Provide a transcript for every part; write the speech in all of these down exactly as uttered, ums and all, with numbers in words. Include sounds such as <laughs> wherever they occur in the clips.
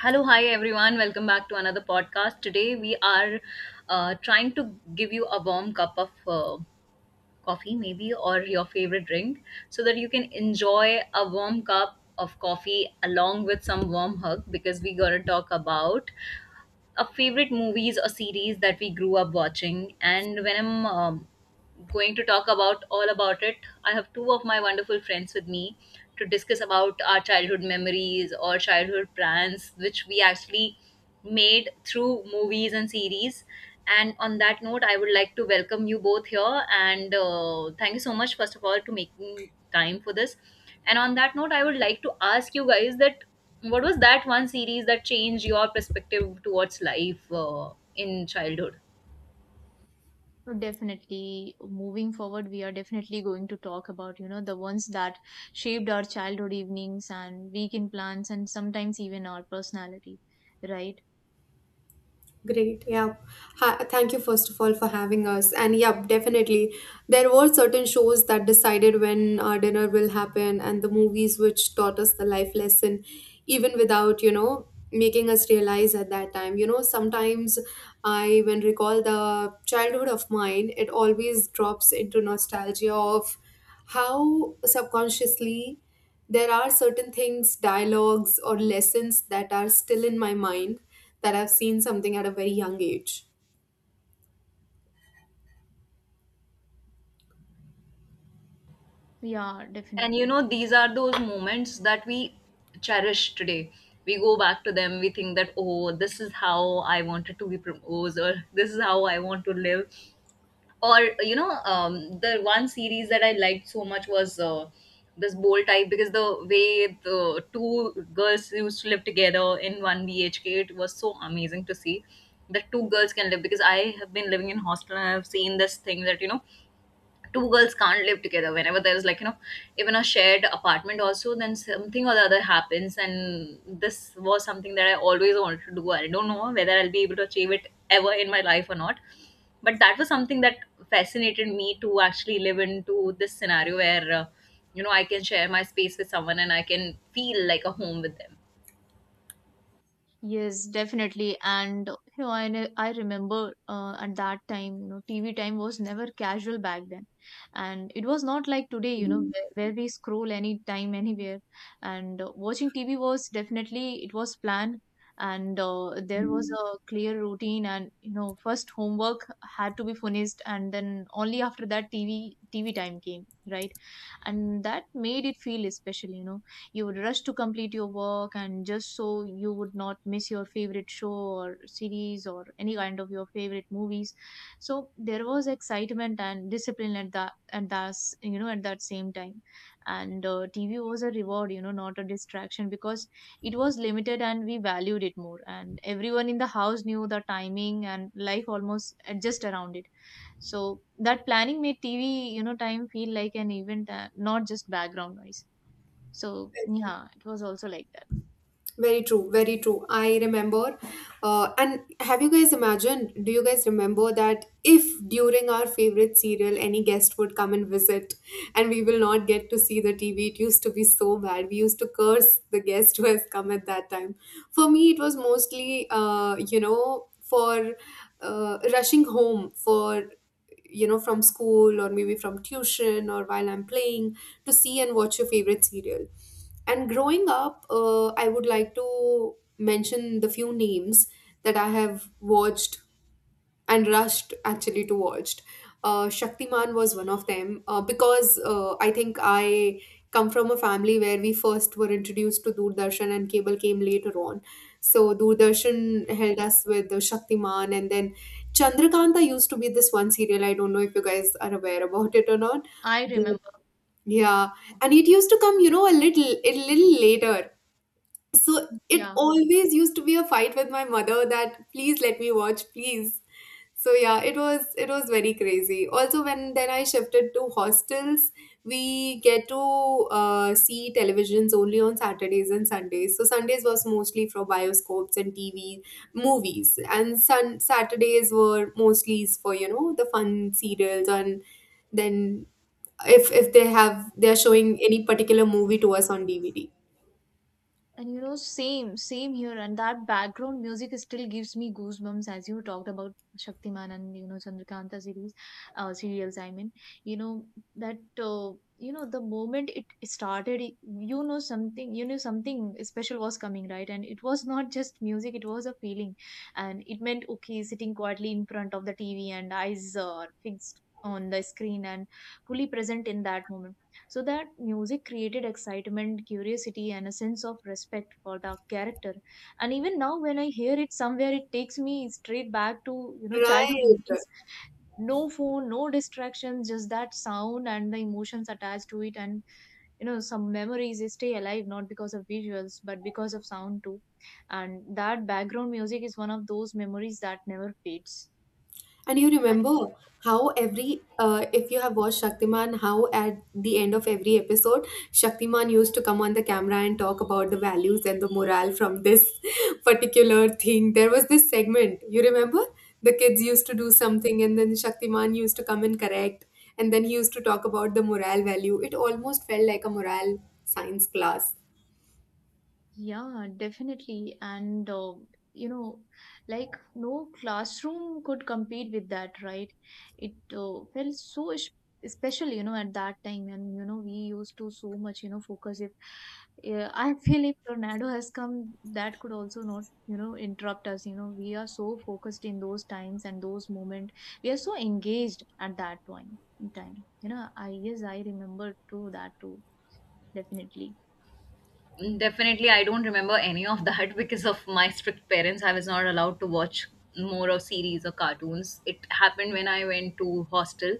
Hello, hi everyone. Welcome back to another podcast. Today we are uh, trying to give you a warm cup of uh, coffee, maybe, or your favorite drink, so that you can enjoy a warm cup of coffee along with some warm hug because we're going to talk about our favorite movies or series that we grew up watching. And when I'm um, going to talk about all about it, I have two of my wonderful friends with me to discuss about our childhood memories or childhood plans, which we actually made through movies and series. And on that note, I would like to welcome you both here. And uh, thank you so much, first of all, to making time for this. And on that note, I would like to ask you guys that what was that one series that changed your perspective towards life uh, in childhood? Definitely, moving forward, we are definitely going to talk about, you know, the ones that shaped our childhood evenings and weekend plans and sometimes even our personality, right? Great. Yeah. Ha- thank you, first of all, for having us. And yeah, definitely. There were certain shows that decided when our dinner will happen, and the movies which taught us the life lesson, even without, you know, making us realize at that time. You know, sometimes I, when recall the childhood of mine, it always drops into nostalgia of how subconsciously there are certain things, dialogues, or lessons that are still in my mind that I've seen something at a very young age. Yeah, And definitely. you know, these are those moments that we cherish today. We go back to them, we think that, oh, this is how I wanted to be proposed, or this is how I want to live. Or, you know, um, the one series that I liked so much was uh, this bold type because the way the two girls used to live together in one B H K, it was so amazing to see that two girls can live because I have been living in hostel and I have seen this thing that, you know, two girls can't live together whenever there's like, you know, even a shared apartment also then something or the other happens. And this was something that I always wanted to do. I don't know whether I'll be able to achieve it ever in my life or not, but that was something that fascinated me to actually live into this scenario where, uh, you know, I can share my space with someone and I can feel like a home with them. Yes, definitely. And you know, I ne- I remember uh, at that time, you know, T V time was never casual back then, and it was not like today, you know, where, where we scroll anytime, anywhere. And uh, watching T V was definitely it was planned, and uh, there was a clear routine, and you know, first homework had to be finished, and then only after that T V T V time came, right? And that made it feel special, you know, you would rush to complete your work and just so you would not miss your favorite show or series or any kind of your favorite movies. So there was excitement and discipline at that at that s- you know, at that same time. And uh, TV was a reward, you know, not a distraction, because it was limited and we valued it more, and everyone in the house knew the timing and life almost adjust around it. So that planning made TV, you know, time feel like an event, uh, not just background noise. So yeah, it was also like that. Very true, very true. I remember. Uh, and have you guys imagined? Do you guys remember that if during our favorite serial any guest would come and visit and we will not get to see the T V? It used to be so bad. We used to curse the guest who has come at that time. For me, it was mostly, uh, you know, for uh, rushing home for, you know, from school or maybe from tuition or while I'm playing to see and watch your favorite serial. And growing up, uh, I would like to mention the few names that I have watched and rushed actually to watched. Uh, Shaktiman was one of them, uh, because uh, I think I come from a family where we first were introduced to Doordarshan and cable came later on. So Doordarshan held us with the Shaktiman, and then Chandrakanta used to be this one serial. I don't know if you guys are aware about it or not. I But remember. yeah, and it used to come, you know, a little a little later. So it Yeah. always used to be a fight with my mother that please let me watch, please. So yeah, it was it was very crazy also when then I shifted to hostels. We get to, uh, see televisions only on Saturdays and Sundays. So Sundays was mostly for bioscopes and TV movies, and sun Saturdays were mostly for, you know, the fun serials. And then if if they have they're showing any particular movie to us on D V D. And you know, same, same here. And that background music still gives me goosebumps as you talked about Shaktiman and, you know, Chandrakanta series, uh, serials, I mean. You know, that, uh, you know, the moment it started, it- you know, something, you knew something special was coming, right? And it was not just music, it was a feeling. And it meant, okay, sitting quietly in front of the T V and eyes uh, fixed on the screen and fully present in that moment. So that music created excitement, curiosity, and a sense of respect for the character. And even now, when I hear it somewhere, it takes me straight back to, you know, childhood Right. evenings. No phone, no distractions, just that sound and the emotions attached to it. And you know, some memories stay alive not because of visuals but because of sound too. And that background music is one of those memories that never fades. And you remember how every, uh, if you have watched Shaktiman, how at the end of every episode, Shaktiman used to come on the camera and talk about the values and the morale from this <laughs> particular thing. There was this segment, you remember? The kids used to do something and then Shaktiman used to come and correct. And then he used to talk about the morale value. It almost felt like a morale science class. Yeah, definitely. And, uh, you know, like no classroom could compete with that, right? It uh, felt so es- special, you know, at that time. And, you know, we used to so much, you know, focus. If yeah, I feel if tornado has come, that could also not, you know, interrupt us. You know, we are so focused in those times and those moments. We are so engaged at that point in time. You know, I, yes, I remember too, that too, definitely. Mm, definitely, I don't remember any of that <laughs> because of my strict parents. I was not allowed to watch more of series or cartoons. It happened when I went to hostel,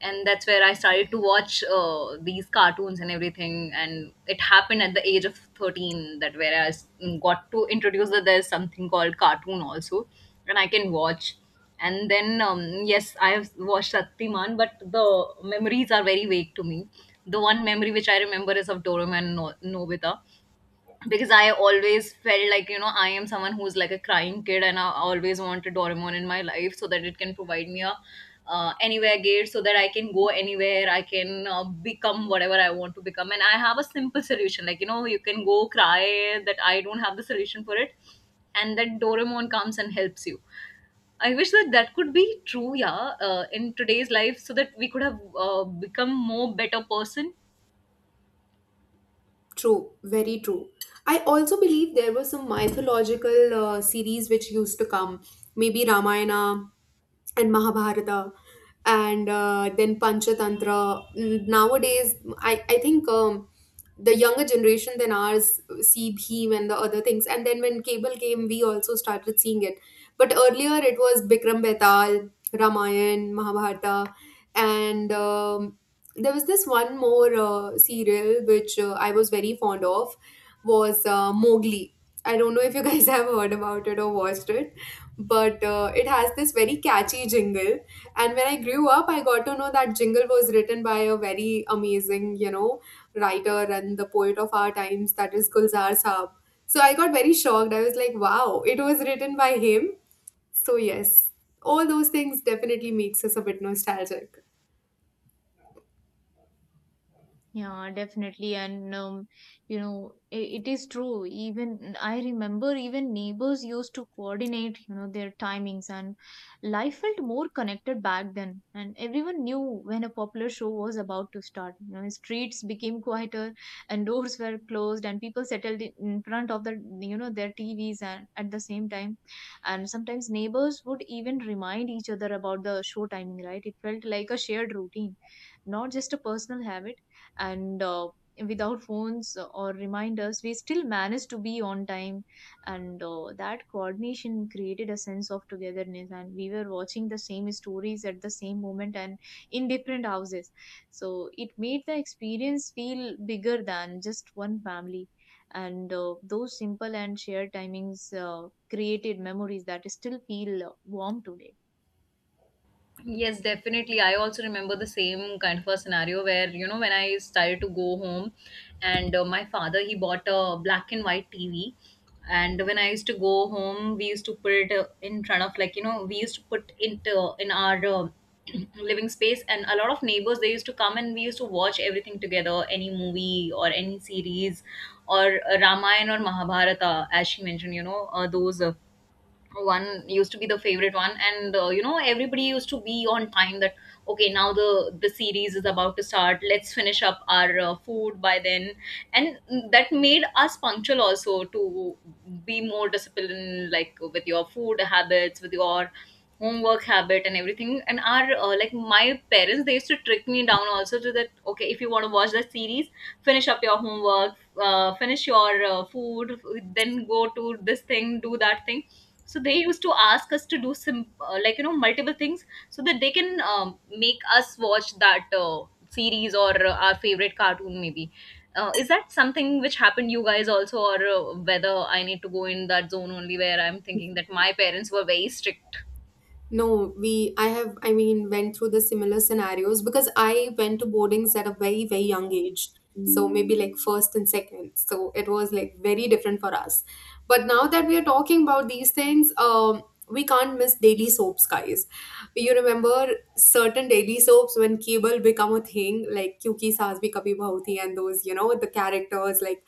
and that's where I started to watch uh, these cartoons and everything. And it happened at the age of thirteen that where I s- got to introduce that there's something called cartoon also, and I can watch. And then um, yes, I have watched Shaktiman, but the memories are very vague to me. The one memory which I remember is of Doraemon and No- Nobita because I always felt like, you know, I am someone who's like a crying kid and I always wanted Doraemon in my life so that it can provide me a uh, anywhere gate so that I can go anywhere, I can uh, become whatever I want to become. And I have a simple solution like, you know, you can go cry that I don't have the solution for it and that Doraemon comes and helps you. I wish that that could be true, yeah, uh, in today's life so that we could have uh, become more better person. True, very true. I also believe there was some mythological uh, series which used to come, maybe Ramayana and Mahabharata and uh, then Panchatantra. N- Nowadays, I, I think um, the younger generation than ours see Bhim and the other things. And then when cable came, we also started seeing it. But earlier, it was Bikram Betal, Ramayan, Mahabharata, and um, there was this one more uh, serial which, uh, I was very fond of, was uh, Mowgli. I don't know if you guys <laughs> have heard about it or watched it, but uh, it has this very catchy jingle. And when I grew up, I got to know that jingle was written by a very amazing, you know, writer and the poet of our times, that is Gulzar Saab. So I got very shocked. I was like, wow, it was written by him. So yes, all those things definitely makes us a bit nostalgic. Yeah, definitely. And, um, you know, it, it is true. Even I remember even neighbors used to coordinate, you know, their timings, and life felt more connected back then. And everyone knew when a popular show was about to start. You know, streets became quieter and doors were closed and people settled in in front of the, you know, their T Vs and at the same time. And sometimes neighbors would even remind each other about the show timing, right? It felt like a shared routine, not just a personal habit. And uh, without phones or reminders we still managed to be on time. And uh, that coordination created a sense of togetherness, and we were watching the same stories at the same moment and in different houses. So it made the experience feel bigger than just one family. And uh, those simple and shared timings uh, created memories that still feel uh, warm today. Yes, definitely. I also remember the same kind of a scenario where, you know, when I started to go home and uh, my father, he bought a black and white T V. And when I used to go home, we used to put it uh, in front of, like, you know, we used to put it uh, in our uh, <clears throat> living space, and a lot of neighbors, they used to come and we used to watch everything together, any movie or any series or uh, Ramayana or Mahabharata, as she mentioned, you know, uh, those uh, one used to be the favorite one. And uh, you know, everybody used to be on time that okay, now the the series is about to start, let's finish up our uh, food by then. And that made us punctual also, to be more disciplined like with your food habits, with your homework habit and everything. And our uh, like my parents, they used to trick me down also to that okay, if you want to watch the series, finish up your homework, uh, finish your uh, food, then go to this thing, do that thing. So they used to ask us to do some, uh, like, you know, multiple things so that they can um, make us watch that uh, series or uh, our favorite cartoon maybe. Uh, is that something which happened you guys also, or uh, whether I need to go in that zone only where I'm thinking that my parents were very strict? No, we, I have, I mean, went through the similar scenarios because I went to boardings at a very, very young age. So maybe like first and second. So it was like very different for us. But now that we are talking about these things, um, we can't miss daily soaps, guys. You remember certain daily soaps when cable become a thing, like Kyuki Saas Bhi Kabhi Bahu Thi, and those, you know, the characters, like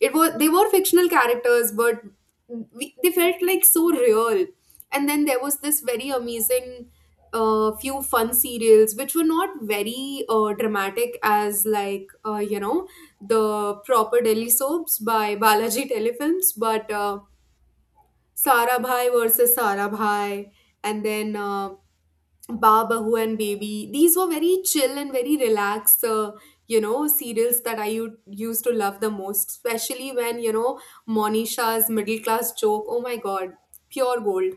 it was, they were fictional characters, but we, they felt like so real. And then there was this very amazing, uh, few fun serials which were not very, uh, dramatic as like, uh, you know, the proper Delhi soaps by Balaji Telefilms, but uh, Sara Bhai versus Sara Bhai, and then, uh, Ba and Baby. These were very chill and very relaxed, uh, you know, serials that I u- used to love the most, especially when, you know, Monisha's middle class joke. Oh my God, pure gold,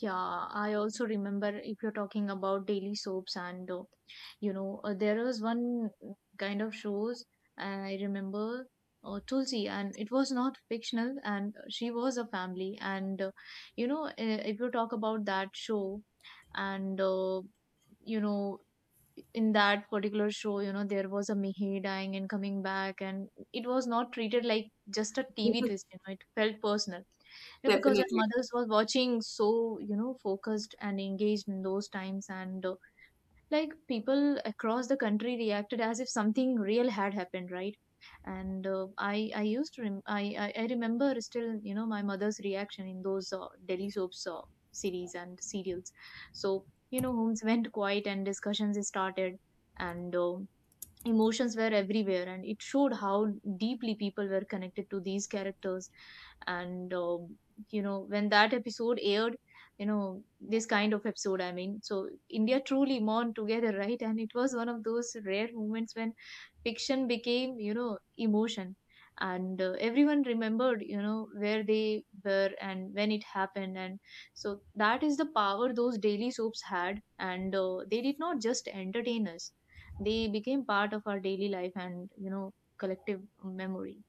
Yeah, I also remember if you're talking about daily soaps. And uh, you know, uh, there was one kind of shows, and I remember uh, Tulsi, and it was not fictional and she was a family. And uh, you know, uh, if you talk about that show. And uh, you know, in that particular show, you know, there was a Mihir dying and coming back, and it was not treated like just a T V twist, you know, it felt personal. You know, because our definitely. mothers were watching so, you know, focused and engaged in those times, and uh, like people across the country reacted as if something real had happened, right. And uh, I I used to rem- I, I I remember still, you know, my mother's reaction in those uh, daily soaps, uh, series and serials. So you know, homes <laughs> went quiet and discussions started. And uh, emotions were everywhere and it showed how deeply people were connected to these characters. And um, you know, when that episode aired, you know, this kind of episode i mean so India truly mourned together <laughs> right, and it was one of those rare moments when fiction became, you know, emotion. And uh, everyone remembered, you know, where they were and when it happened. And so that is the power those daily soaps had. And uh, they did not just entertain us, they became part of our daily life and, you know, collective memory.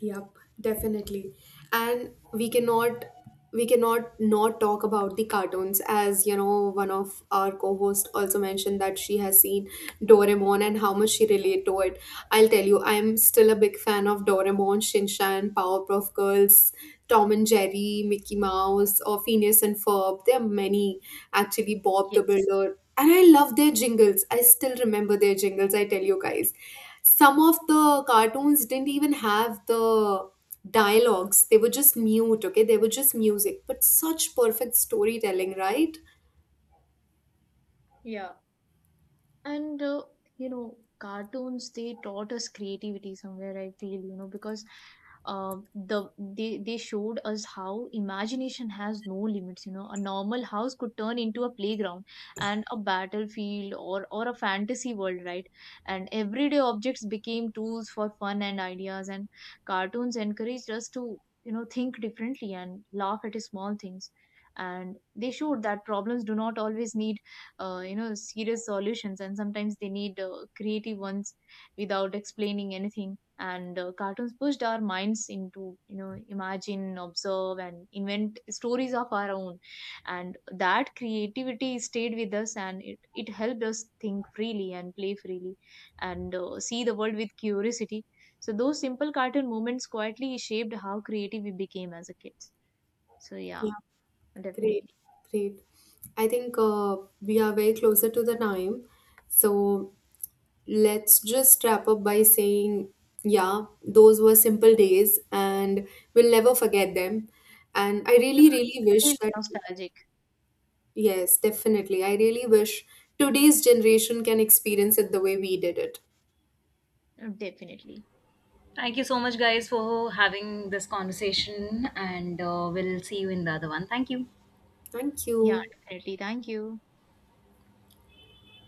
Yep, definitely. And we cannot we cannot not talk about the cartoons. As you know, one of our co-hosts also mentioned that she has seen Doraemon and how much she relate to it. I'll tell you, I'm still a big fan of Doraemon, Shinchan, Powerpuff Girls, Tom and Jerry, Mickey Mouse, or Phineas and Ferb. There are many, actually Bob the Yes. Builder. And I love their jingles. I still remember their jingles, I tell you guys. Some of the cartoons didn't even have the dialogues. They were just mute, okay, they were just music, but such perfect storytelling, right? Yeah. And uh, you know, cartoons, they taught us creativity somewhere, I feel, you know, because um the they they showed us how imagination has no limits, you know, a normal house could turn into a playground and a battlefield or or a fantasy world, right. And everyday objects became tools for fun and ideas. And cartoons encouraged us to, you know, think differently and laugh at small things. And they showed that problems do not always need uh, you know, serious solutions, and sometimes they need uh, creative ones without explaining anything. And uh, cartoons pushed our minds into, you know, imagine, observe and invent stories of our own. And that creativity stayed with us, and it, it helped us think freely and play freely and uh, see the world with curiosity. So those simple cartoon moments quietly shaped how creative we became as a kid. So yeah, Yeah, great, definitely. great. I think uh, we are very closer to the time, so let's just wrap up by saying, yeah, those were simple days, and we'll never forget them. And I Yeah, really really it wish feels that, nostalgic. yes, definitely, I really wish today's generation can experience it the way we did it. Definitely. Thank you so much guys for having this conversation, and uh, we'll see you in the other one. Thank you. Thank Yeah, you. definitely. Thank you.